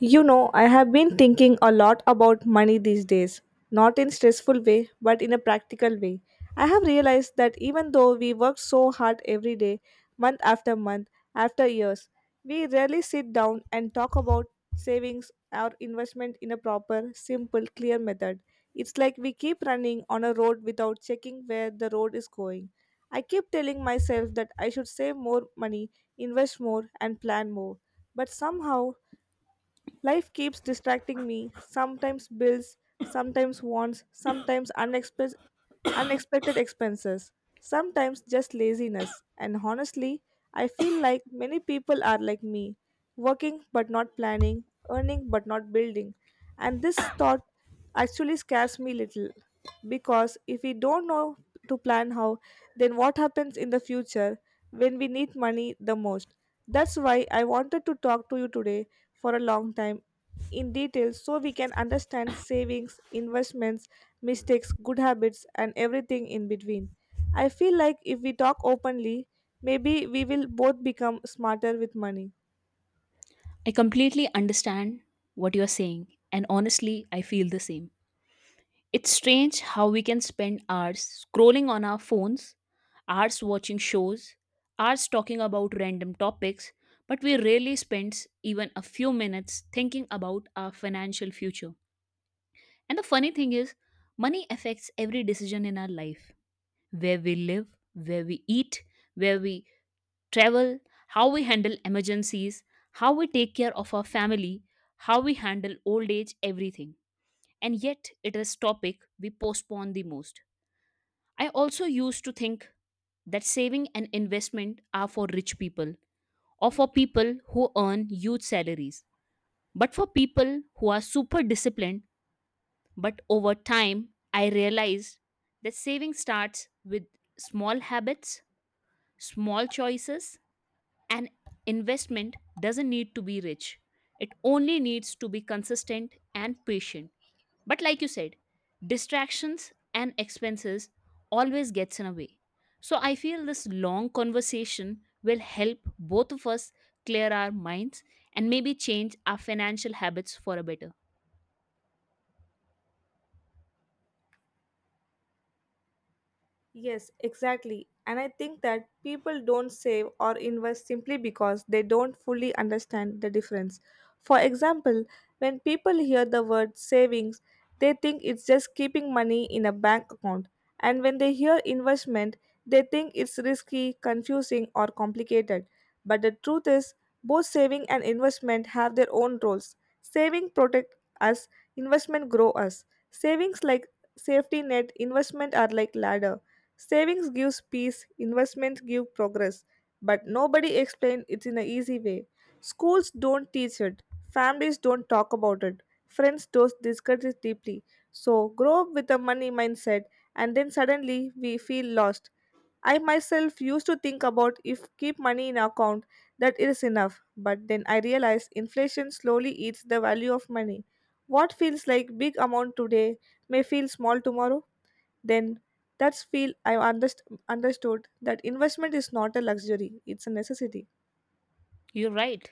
You know, I have been thinking a lot about money these days, not in stressful way, but in a practical way. I have realized that even though we work so hard every day, month after month, after years, we rarely sit down and talk about savings or investment in a proper, simple, clear method. It's like we keep running on a road without checking where the road is going. I keep telling myself that I should save more money, invest more, and plan more but somehow life keeps distracting me, sometimes bills, sometimes wants, sometimes unexpected expenses, sometimes just laziness. And honestly, I feel like many people are like me, working but not planning, earning but not building. And this thought actually scares me little because if we don't know to plan how, then what happens in the future when we need money the most? That's why I wanted to talk to you today for a long time in detail so we can understand savings, investments, mistakes, good habits, and everything in between. I feel like if we talk openly, maybe we will both become smarter with money. I completely understand what you're saying, and honestly, I feel the same. It's strange how we can spend hours scrolling on our phones, hours watching shows, hours talking about random topics, but we rarely spend even a few minutes thinking about our financial future. And the funny thing is, money affects every decision in our life where we live, where we eat, where we travel, how we handle emergencies, how we take care of our family, how we handle old age, everything. And yet, it is topic we postpone the most. I also used to think that saving and investment are for rich people or for people who earn huge salaries. But for people who are super disciplined, but over time, I realized that saving starts with small habits, small choices, an investment doesn't need to be rich, it only needs to be consistent and patient. But like you said, distractions and expenses always gets in a way. So I feel this long conversation will help both of us clear our minds and maybe change our financial habits for a better. Yes, exactly. And I think that people don't save or invest simply because they don't fully understand the difference. For example, when people hear the word savings, they think it's just keeping money in a bank account. And when they hear investment, they think it's risky, confusing, or complicated. But the truth is, both saving and investment have their own roles. Saving protect us, investment grow us. Savings like safety net, investment are like ladder Savings gives peace, investments give progress, but nobody explains it in an easy way. Schools don't teach it, families don't talk about it, friends don't discuss it deeply. So grow up with a money mindset and then suddenly we feel lost. I myself used to think about if keep money in account that is enough, but then I realized inflation slowly eats the value of money. What feels like big amount today may feel small tomorrow then that's feel I understood that investment is not a luxury it's a necessity. You're right.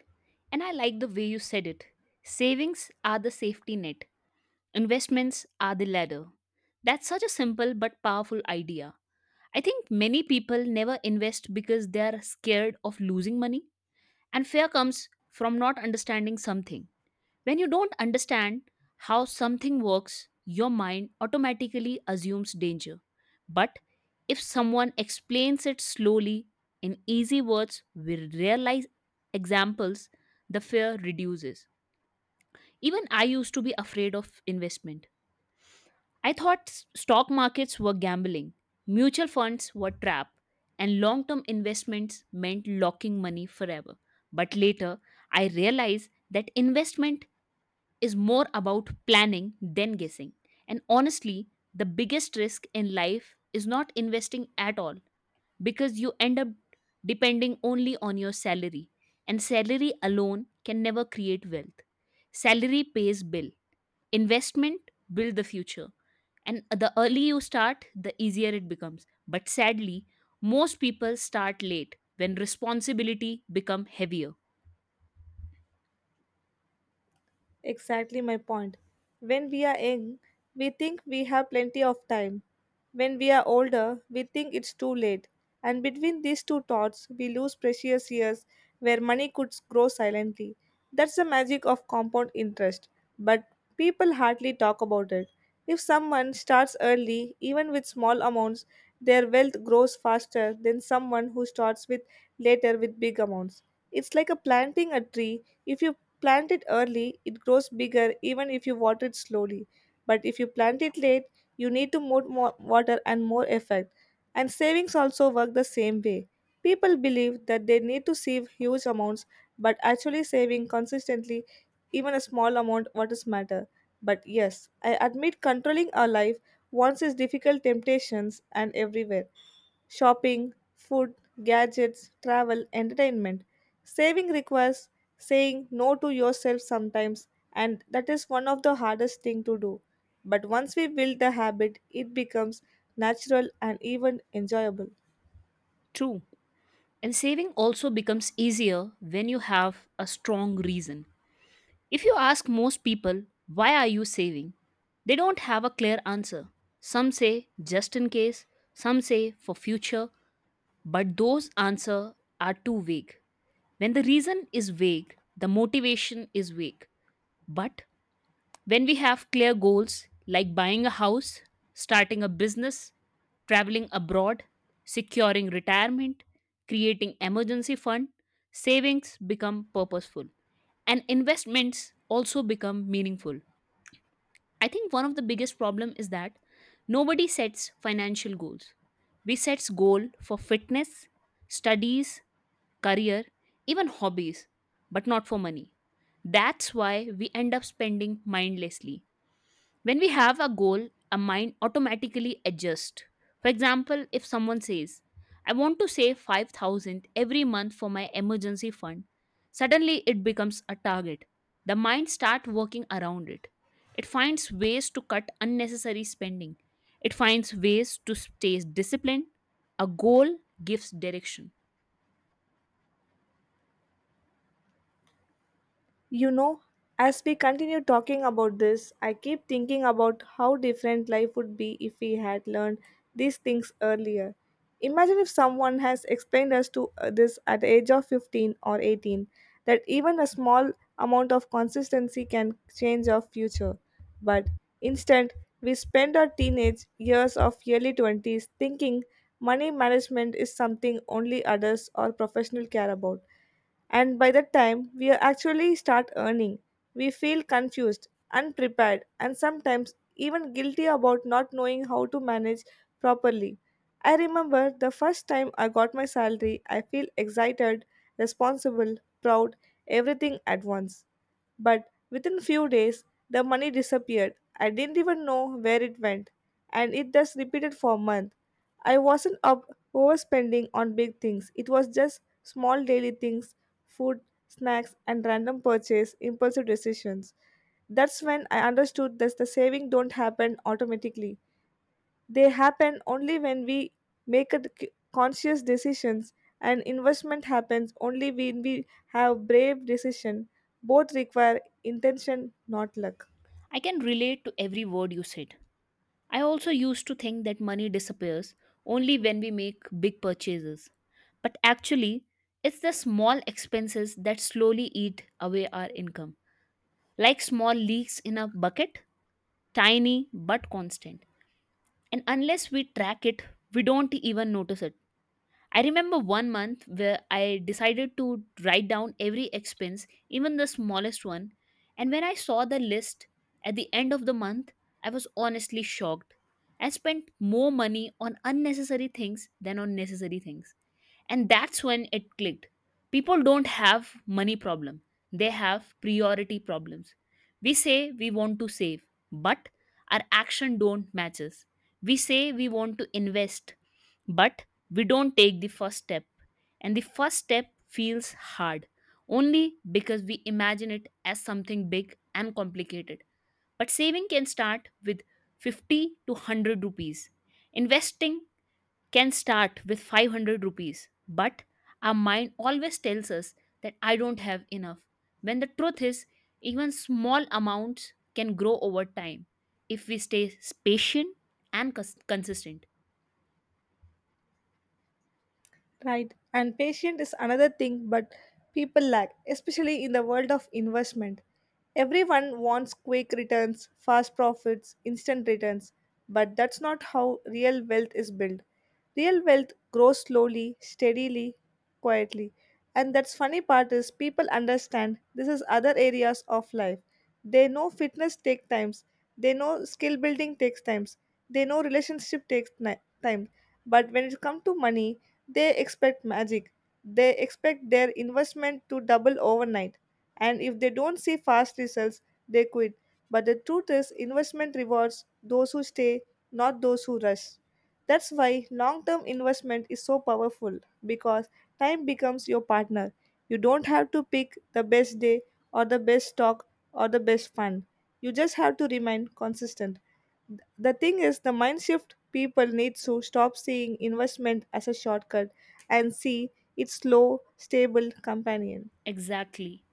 And I like the way you said it. Savings are the safety net, investments are the ladder. That's such a simple but powerful idea. I think many people never invest because they are scared of losing money, and fear comes from not understanding something. When you don't understand how something works, your mind automatically assumes danger. But if someone explains it slowly in easy words with real life examples, the fear reduces. Even I used to be afraid of investment. I thought stock markets were gambling, mutual funds were trap, and long-term investments meant locking money forever. But later, I realized that investment is more about planning than guessing. And honestly, the biggest risk in life is not investing at all because you end up depending only on your salary and salary alone can never create wealth. Salary pays bill. Investment build the future and the early you start, the easier it becomes. But sadly, most people start late when responsibility become heavier. Exactly my point. When we are young, we think we have plenty of time. When we are older, we think it's too late. And between these two thoughts, we lose precious years where money could grow silently. That's the magic of compound interest. But people hardly talk about it. If someone starts early, even with small amounts, their wealth grows faster than someone who starts with later with big amounts. It's like a planting a tree. If you plant it early, it grows bigger even if you water it slowly. But if you plant it late, you need to more water and more effort. And savings also work the same way. People believe that they need to save huge amounts, but actually saving consistently even a small amount what is matter. But yes, I admit controlling our life once is difficult temptations and everywhere shopping, food, gadgets, travel, entertainment. Saving requires saying no to yourself sometimes, and that is one of the hardest thing to do. But once we build the habit, it becomes natural and even enjoyable. True. And saving also becomes easier when you have a strong reason. If you ask most people, why are you saving? They don't have a clear answer. Some say just in case, some say for future, but those answers are too vague. When the reason is vague, the motivation is vague. But when we have clear goals like buying a house, starting a business, traveling abroad, securing retirement, creating emergency fund, savings become purposeful and investments also become meaningful. I think one of the biggest problem is that nobody sets financial goals. We sets goal for fitness, studies, career, even hobbies, but not for money. That's why we end up spending mindlessly when we have a goal, our mind automatically adjusts. For example, if someone says, I want to save 5000 every month for my emergency fund, suddenly it becomes a target. The mind starts working around it. It finds ways to cut unnecessary spending. It finds ways to stay disciplined. A goal gives direction. You know, as we continue talking about this, I keep thinking about how different life would be if we had learned these things earlier. Imagine if someone has explained us to this at the age of 15 or 18 that even a small amount of consistency can change our future. But instead, we spend our teenage years of early 20s thinking money management is something only adults or professionals care about and by the time we actually start earning, we feel confused, unprepared, and sometimes even guilty about not knowing how to manage properly. I remember the first time I got my salary, I feel excited, responsible, proud, everything at once. But within few days, the money disappeared. I didn't even know where it went, and it just repeated for months. I wasn't up overspending on big things. It was just small daily things, food, snacks, and random purchase, impulsive decisions. That's when I understood that the saving don't happen automatically. They happen only when we make a conscious decisions and investment happens only when we have brave decision. Both require intention, not luck. I can relate to every word you said. I also used to think that money disappears only when we make big purchases. But actually, it's the small expenses that slowly eat away our income, like small leaks in a bucket, tiny but constant. And unless we track it, we don't even notice it. I remember one month where I decided to write down every expense, even the smallest one. And when I saw the list at the end of the month, I was honestly shocked. I spent more money on unnecessary things than on necessary things, and that's when it clicked. People don't have money problem, they have priority problems. We say we want to save, but our action don't matches. We say we want to invest, but we don't take the first step, and the first step feels hard only because we imagine it as something big and complicated. But saving can start with 50 to 100 rupees, investing can start with 500 rupees, but our mind always tells us that I don't have enough. When the truth is, even small amounts can grow over time if we stay patient and consistent. Right. And patient is another thing but people lack, especially in the world of investment. Everyone wants quick returns, fast profits, instant returns, but that's not how real wealth is built. Real wealth grows slowly, steadily, quietly. And that's funny part is people understand this is other areas of life. They know fitness takes times. They know skill building takes times. They know relationship takes time. But when it comes to money, they expect magic. They expect their investment to double overnight. And if they don't see fast results, they quit. But the truth is, investment rewards those who stay, not those who rush. That's why long term investment is so powerful because time becomes your partner. You don't have to pick the best day or the best stock or the best fund. You just have to remain consistent. Th- The thing is, the mind shift people need to stop seeing investment as a shortcut and see its slow, stable companion. Exactly.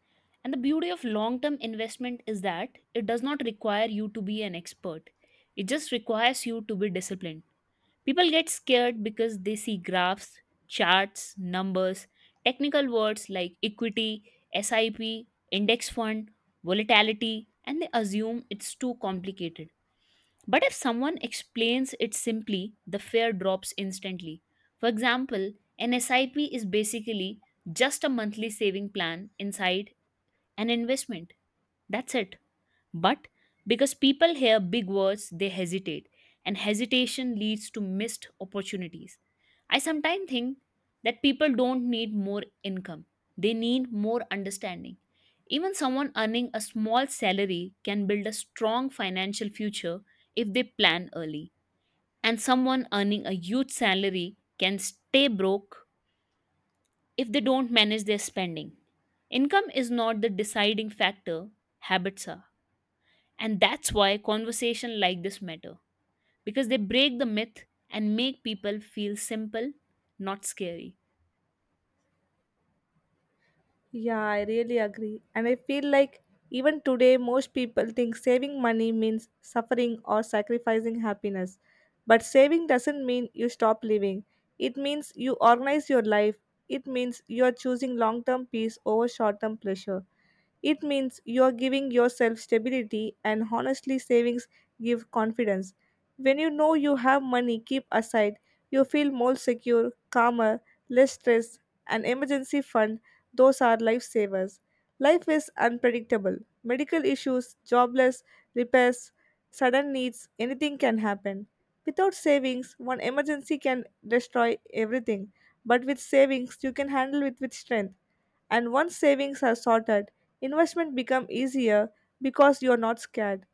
And the beauty of long term investment is that it does not require you to be an expert, it just requires you to be disciplined. People get scared because they see graphs, charts, numbers, technical words like equity, SIP, index fund, volatility, and they assume it's too complicated. But if someone explains it simply, the fear drops instantly. For example, an SIP is basically just a monthly saving plan inside an investment. That's it. But because people hear big words, they hesitate, and hesitation leads to missed opportunities. I sometimes think that people don't need more income, they need more understanding. Even someone earning a small salary can build a strong financial future if they plan early. And someone earning a huge salary can stay broke if they don't manage their spending. Income is not the deciding factor, habits are. And that's why conversation like this matter because they break the myth and make people feel simple, not scary. Yeah, I really agree. And I feel like even today, most people think saving money means suffering or sacrificing happiness. But saving doesn't mean you stop living, it means you organize your life. It means you are choosing long term peace over short term pleasure. It means you're giving yourself stability, and honestly, savings give confidence. When you know you have money keep aside, you feel more secure, calmer, less stressed. An emergency fund, those are lifesavers. Life is unpredictable. Medical issues, jobless, repairs, sudden needs, anything can happen. Without savings, one emergency can destroy everything. But with savings, you can handle it with strength. And once savings are sorted, investment become easier because you're not scared.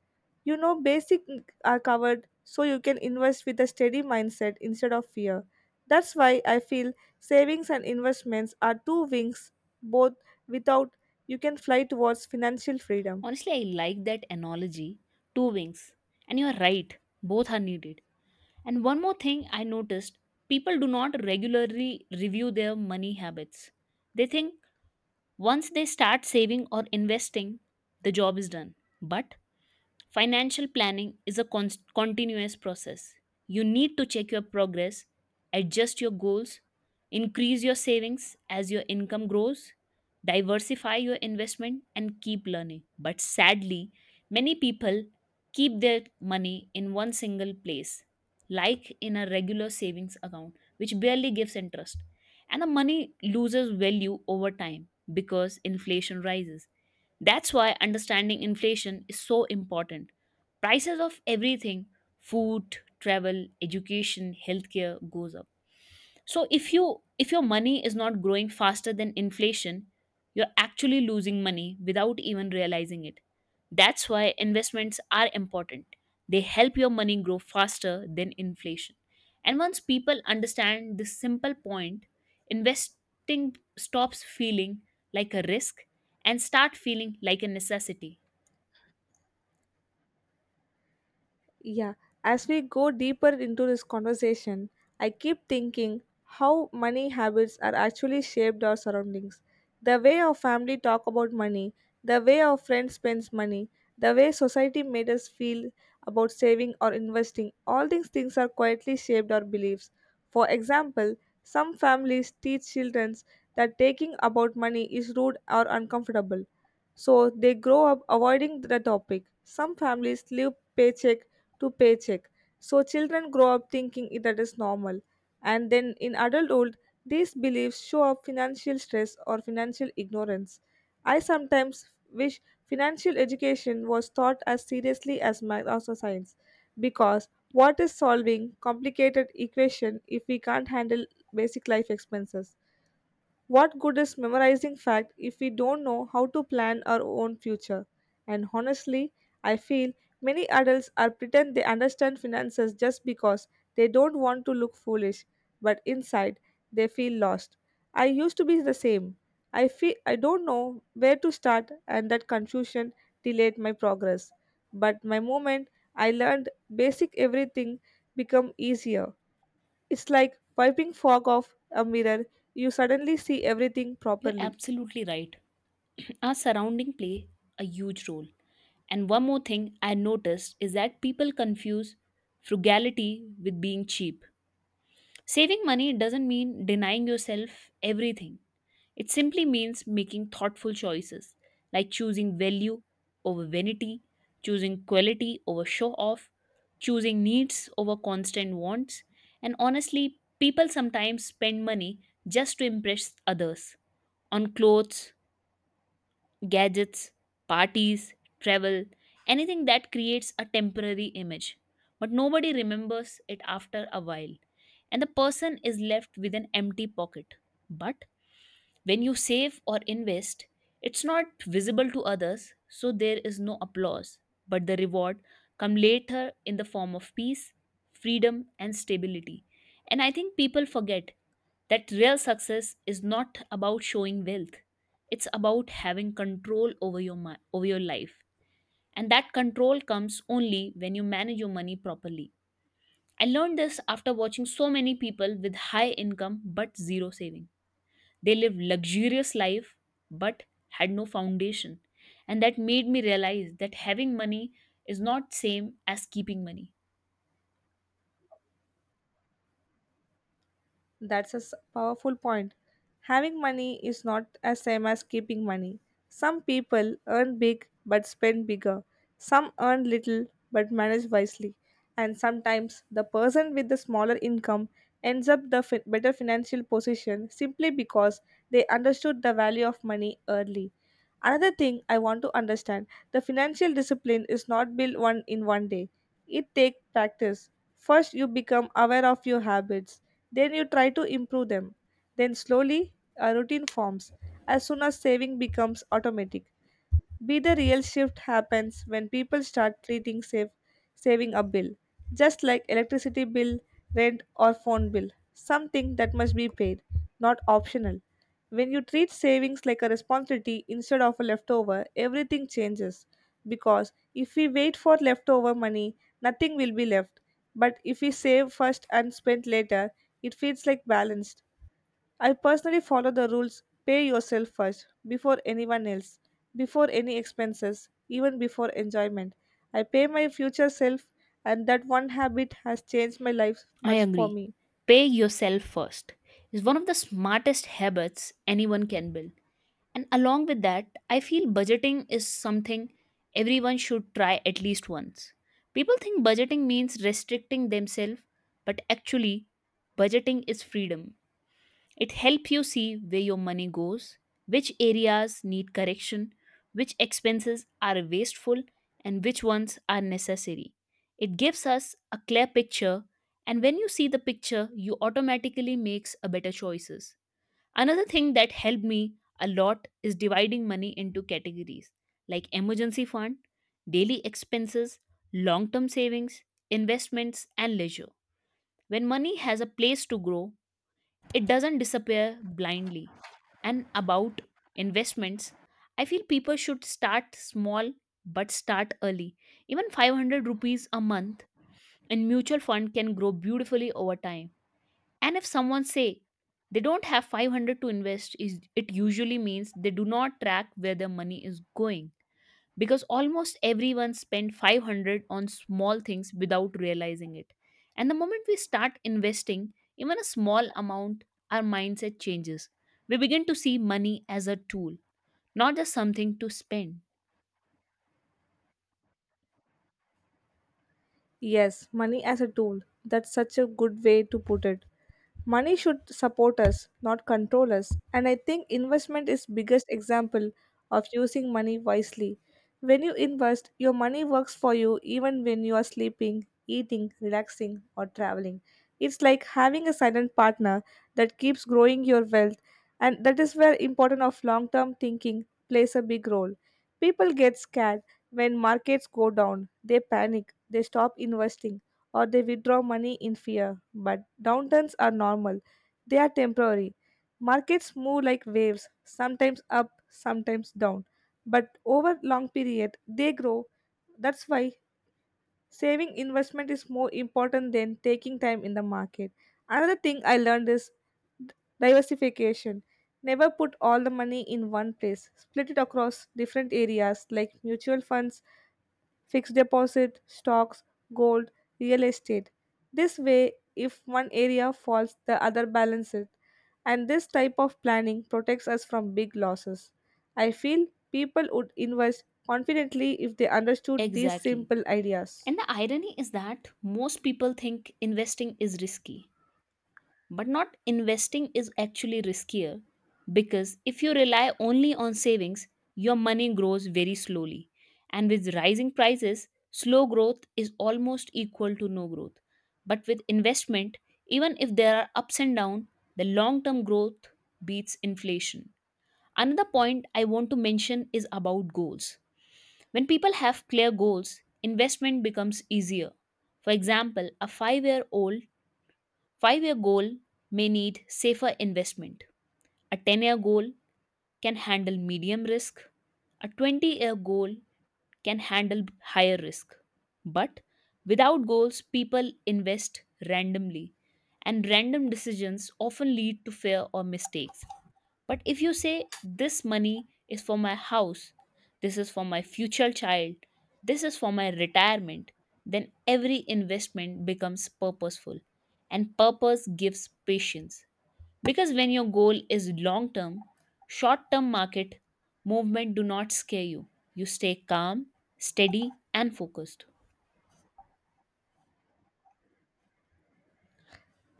You know basic are covered so you can invest with a steady mindset instead of fear. That's why I feel savings and investments are two wings both without you can fly towards financial freedom. Honestly, I like that analogy, two wings. And you are right, both are needed. And one more thing I noticed, people do not regularly review their money habits. They think once they start saving or investing, the job is done. But financial planning is a continuous process. You need to check your progress, adjust your goals, increase your savings as your income grows, diversify your investment, and keep learning. But sadly, many people keep their money in one single place, like in a regular savings account, which barely gives interest. And the money loses value over time because inflation rises. That's why understanding inflation is so important. Prices of everything food, travel, education, healthcare goes up, so if your money is not growing faster than inflation, you're actually losing money without even realizing it. That's why investments are important, they help your money grow faster than inflation, and once people understand this simple point, investing stops feeling like a risk and start feeling like a necessity. Yeah, as we go deeper into this conversation, I keep thinking how money habits are actually shaped our surroundings. The way our family talk about money, the way our friends spends money, the way society made us feel about saving or investing, all these things are quietly shaped our beliefs. For example, some families teach children that taking about money is rude or uncomfortable. So they grow up avoiding the topic. Some families live paycheck to paycheck. So children grow up thinking that is normal. And then in adulthood, these beliefs show up financial stress or financial ignorance. I sometimes wish financial education was taught as seriously as math or science because what is solving complicated equation if we can't handle basic life expenses? What good is memorizing fact if we don't know how to plan our own future? And honestly, I feel many adults are pretend they understand finances just because they don't want to look foolish, but inside they feel lost. I used to be the same. I feel I don't know where to start and that confusion delayed my progress. But my moment I learned basic everything become easier. It's like wiping fog off a mirror. You suddenly see everything You're properly. absolutely right. Our surrounding play a huge role. And one more thing I noticed is that people confuse frugality with being cheap. Saving money doesn't mean denying yourself everything. It simply means making thoughtful choices, like choosing value over vanity, choosing quality over show off, choosing needs over constant wants. And honestly, people sometimes spend money just to impress others on clothes, gadgets, parties, travel, anything that creates a temporary image. But nobody remembers it after a while, and the person is left with an empty pocket. But when you save or invest, it's not visible to others, so there is no applause, but the reward come later in the form of peace, freedom and stability. And I think people forget that real success is not about showing wealth, it's about having control over your life, and that control comes only when you manage your money properly. I learned this after watching so many people with high income but zero saving. They lived luxurious life, but had no foundation, and that made me realize that having money is not same as keeping money. That's a powerful point. Having money is not the same as keeping money. Some people earn big but spend bigger. Some earn little but manage wisely. And sometimes the person with the smaller income ends up the better financial position simply because they understood the value of money early. Another thing I want to understand, the financial discipline is not built one in one day. It takes practice. First you become aware of your habits then you try to improve them. Then slowly a routine forms as soon as saving becomes automatic. Be the real shift happens when people start treating saving a bill, just like electricity bill, rent, or phone bill, something that must be paid, not optional. When you treat savings like a responsibility instead of a leftover, everything changes. Because if we wait for leftover money, nothing will be left. But if we save first and spend later, it feels like balanced. I personally follow the rules pay yourself first, before anyone else, before any expenses, even before enjoyment. I pay my future self, and that one habit has changed my life I much for agree, me. pay yourself first is one of the smartest habits anyone can build. And along with that, I feel budgeting is something everyone should try at least once. People think budgeting means restricting themselves, but actually, budgeting is freedom. It helps you see where your money goes, which areas need correction, which expenses are wasteful, and which ones are necessary. It gives us a clear picture, and when you see the picture, you automatically makes a better choices. Another thing that helped me a lot is dividing money into categories like emergency fund, daily expenses, long term savings, investments, and leisure. When money has a place to grow, it doesn't disappear blindly. And about investments, I feel people should start small but start early. Even 500 rupees a month in mutual fund can grow beautifully over time. And if someone say they don't have 500 to invest, is it usually means they do not track where their money is going because almost everyone spend 500 on small things without realizing it. And the moment we start investing even a small amount, our mindset changes. We begin to see money as a tool, not just something to spend. Yes, money as a tool. That's such a good way to put it. Money should support us, not control us. And I think investment is biggest example of using money wisely. When you invest, your money works for you even when you are sleeping, eating, relaxing, or traveling. It's like having a silent partner that keeps growing your wealth, and that is where important of long-term thinking plays a big role. People get scared when markets go down. They panic. They stop investing or they withdraw money in fear. But downturns are normal, they are temporary. Markets move like waves, sometimes up, sometimes down. But over long period, they grow. That's why saving investment is more important than taking time in the market. Another thing I learned is diversification. Never put all the money in one place. Split it across different areas like mutual funds, fixed deposit, stocks, gold, real estate. This way, if one area falls, the other balances it. And this type of planning protects us from big losses. I feel people would invest confidently if they understood these Exactly. simple ideas. And the irony is that most people think investing is risky, but not investing is actually riskier because if you rely only on savings, your money grows very slowly. And with rising prices, slow growth is almost equal to no growth. But with investment, even if there are ups and downs, the long term growth beats inflation. Another point I want to mention is about goals. When people have clear goals, investment becomes easier. For example, a 5 year old 5-year goal may need safer investment. A 10-year goal can handle medium risk. A 20-year goal can handle higher risk. But without goals, people invest randomly, and random decisions often lead to fear or mistakes. But if you say, this money is for my house, this is for my future child, this is for my retirement, then every investment becomes purposeful. And purpose gives patience. Because when your goal is long term, short term market movement do not scare you. You stay calm, steady, and focused.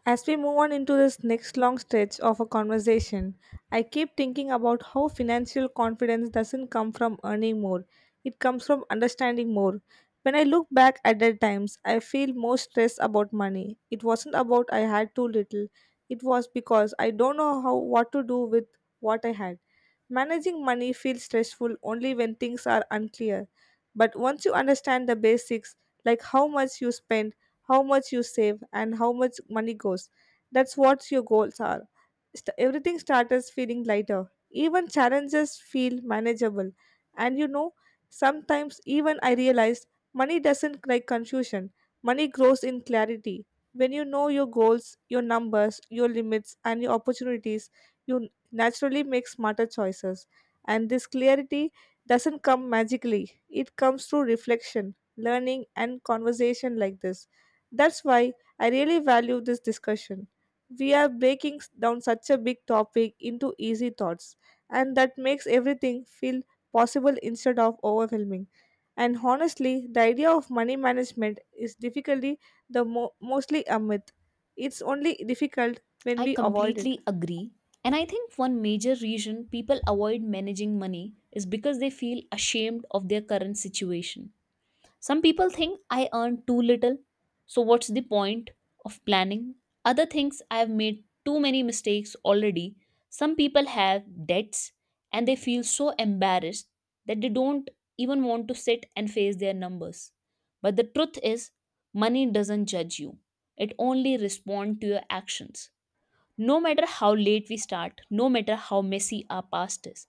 As we move on into this next long stretch of a conversation, I keep thinking about how financial confidence doesn't come from earning more, it comes from understanding more. When I look back at the times, I feel more stressed about money. It wasn't about I had too little, it was because I don't know how what to do with what I had. Managing money feels stressful only when things are unclear. But once you understand the basics, like how much you spend, how much you save, and how much money goes, that's what your goals are. Everything starts feeling lighter. Even challenges feel manageable. And you know, sometimes even I realized money doesn't like confusion, money grows in clarity. When you know your goals, your numbers, your limits, and your opportunities, you naturally make smarter choices. And this clarity doesn't come magically, it comes through reflection, learning, and conversation like this. That's why I really value this discussion. We are breaking down such a big topic into easy thoughts, and that makes everything feel possible instead of overwhelming. And honestly, the idea of money management is difficulty the mostly a myth. It's only difficult when I we avoid it. completely agree. And I think one major reason people avoid managing money is because they feel ashamed of their current situation. Some people think I earn too little, so what's the point of planning? Other thinks I have made too many mistakes already. Some people have debts and they feel so embarrassed that they don't even want to sit and face their numbers. But the truth is, money doesn't judge you. It only responds to your actions. No matter how late we start, no matter how messy our past is,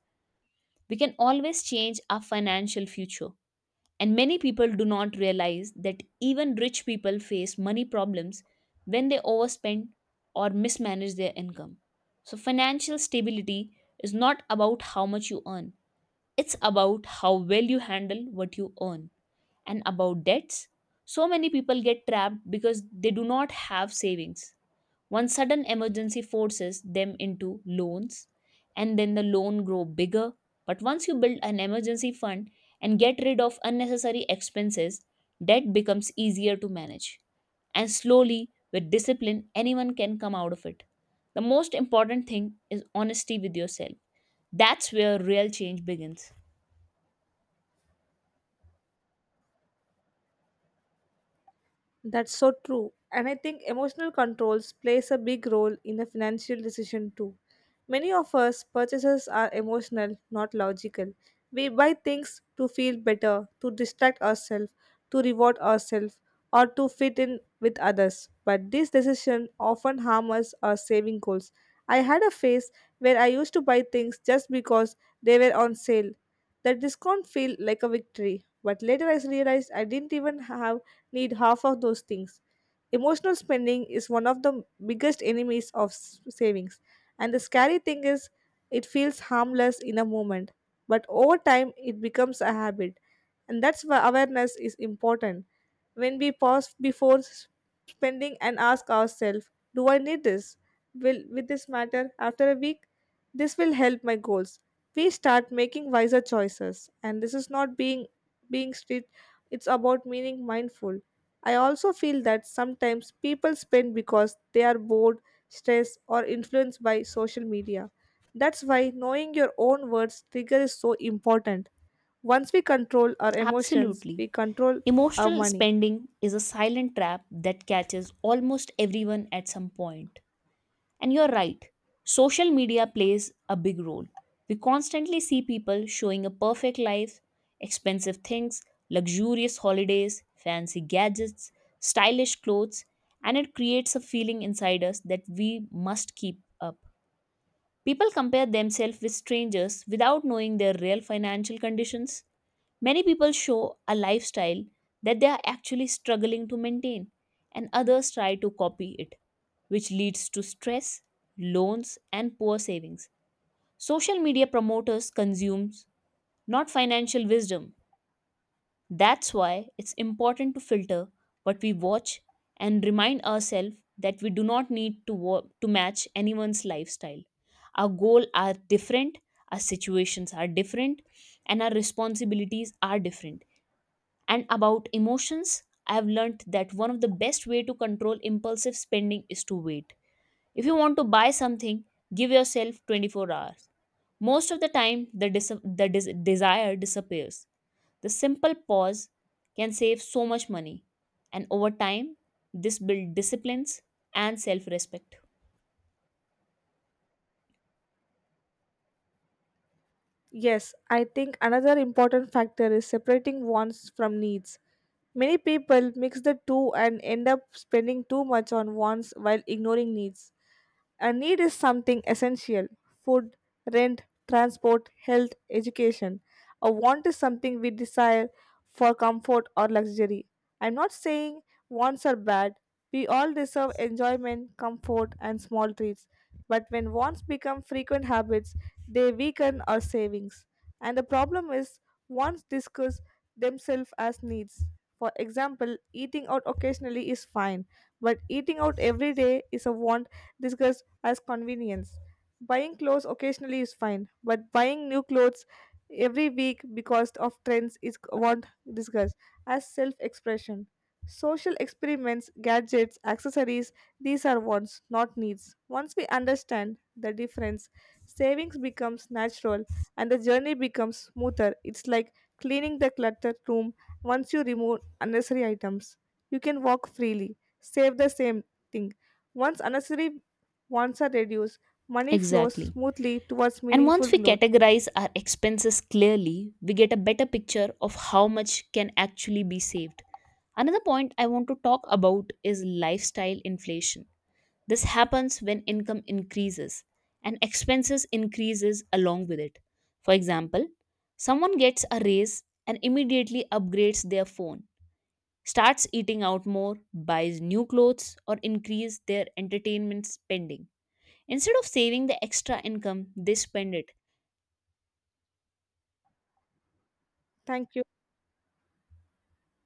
we can always change our financial future. And many people do not realize that even rich people face money problems when they overspend or mismanage their income. So, financial stability is not about how much you earn, it's about how well you handle what you earn. And about debts, so many people get trapped because they do not have savings. One sudden emergency forces them into loans, and then the loan grow bigger. But once you build an emergency fund and get rid of unnecessary expenses, debt becomes easier to manage. And slowly, with discipline, anyone can come out of it. The most important thing is honesty with yourself. That's where real change begins. That's so true. And I think emotional controls plays a big role in the financial decision too. Many of us purchases are emotional, not logical. We buy things to feel better, to distract ourselves, to reward ourselves, or to fit in with others. But this decision often harms our saving goals. I had a phase where I used to buy things just because they were on sale. That discount felt like a victory. But later I realized I didn't even have need half of those things. Emotional spending is one of the biggest enemies of savings. And the scary thing is, it feels harmless in a moment, but over time, it becomes a habit. And that's why awareness is important. When we pause before spending and ask ourselves, do I need this? Will this matter after a week? This will help my goals. We start making wiser choices, and this is not being strict. It's about meaning mindful. I also feel that sometimes people spend because they are bored, stressed, or influenced by social media. That's why knowing your own words trigger is so important. Once we control our emotions, Absolutely. we control our Emotional money. spending is a silent trap that catches almost everyone at some point. And you're right, social media plays a big role. We constantly see people showing a perfect life, expensive things, luxurious holidays, fancy gadgets, stylish clothes, and it creates a feeling inside us that we must keep up. People compare themselves with strangers without knowing their real financial conditions. Many people show a lifestyle that they are actually struggling to maintain, and others try to copy it, which leads to stress, loans, and poor savings. Social media promoters consumes not financial wisdom, that's why it's important to filter what we watch and remind ourselves that we do not need to match anyone's lifestyle. Our goals are different, our situations are different, and our responsibilities are different. And about emotions, I have learned that one of the best way to control impulsive spending is to wait. If you want to buy something, give yourself 24 hours. Most of the time, the desire disappears. The simple pause can save so much money, and over time, this builds disciplines and self respect. Yes, I think another important factor is separating wants from needs. Many people mix the two and end up spending too much on wants while ignoring needs. A need is something essential, food, rent, transport, health, education. A want is something we desire for comfort or luxury. I'm not saying wants are bad. We all deserve enjoyment, comfort, and small treats. But when wants become frequent habits, they weaken our savings. And the problem is, wants discuss themselves as needs. For example, eating out occasionally is fine, but eating out every day is a want discussed as convenience. Buying clothes occasionally is fine, but buying new clothes every week because of trends is what discussed as self expression. Social experiments, gadgets, accessories, these are wants, not needs. Once we understand the difference, savings becomes natural and the journey becomes smoother. It's like cleaning the cluttered room once you remove unnecessary items. You can walk freely, save the same thing. Once unnecessary once are reduced, money flows Exactly. smoothly towards And meaningful once we growth. categorize our expenses clearly, we get a better picture of how much can actually be saved. Another point I want to talk about is lifestyle inflation. This happens when income increases and expenses increases along with it. For example, someone gets a raise and immediately upgrades their phone, starts eating out more, buys new clothes, or increase their entertainment spending. Instead of saving the extra income, they spend it Thank you.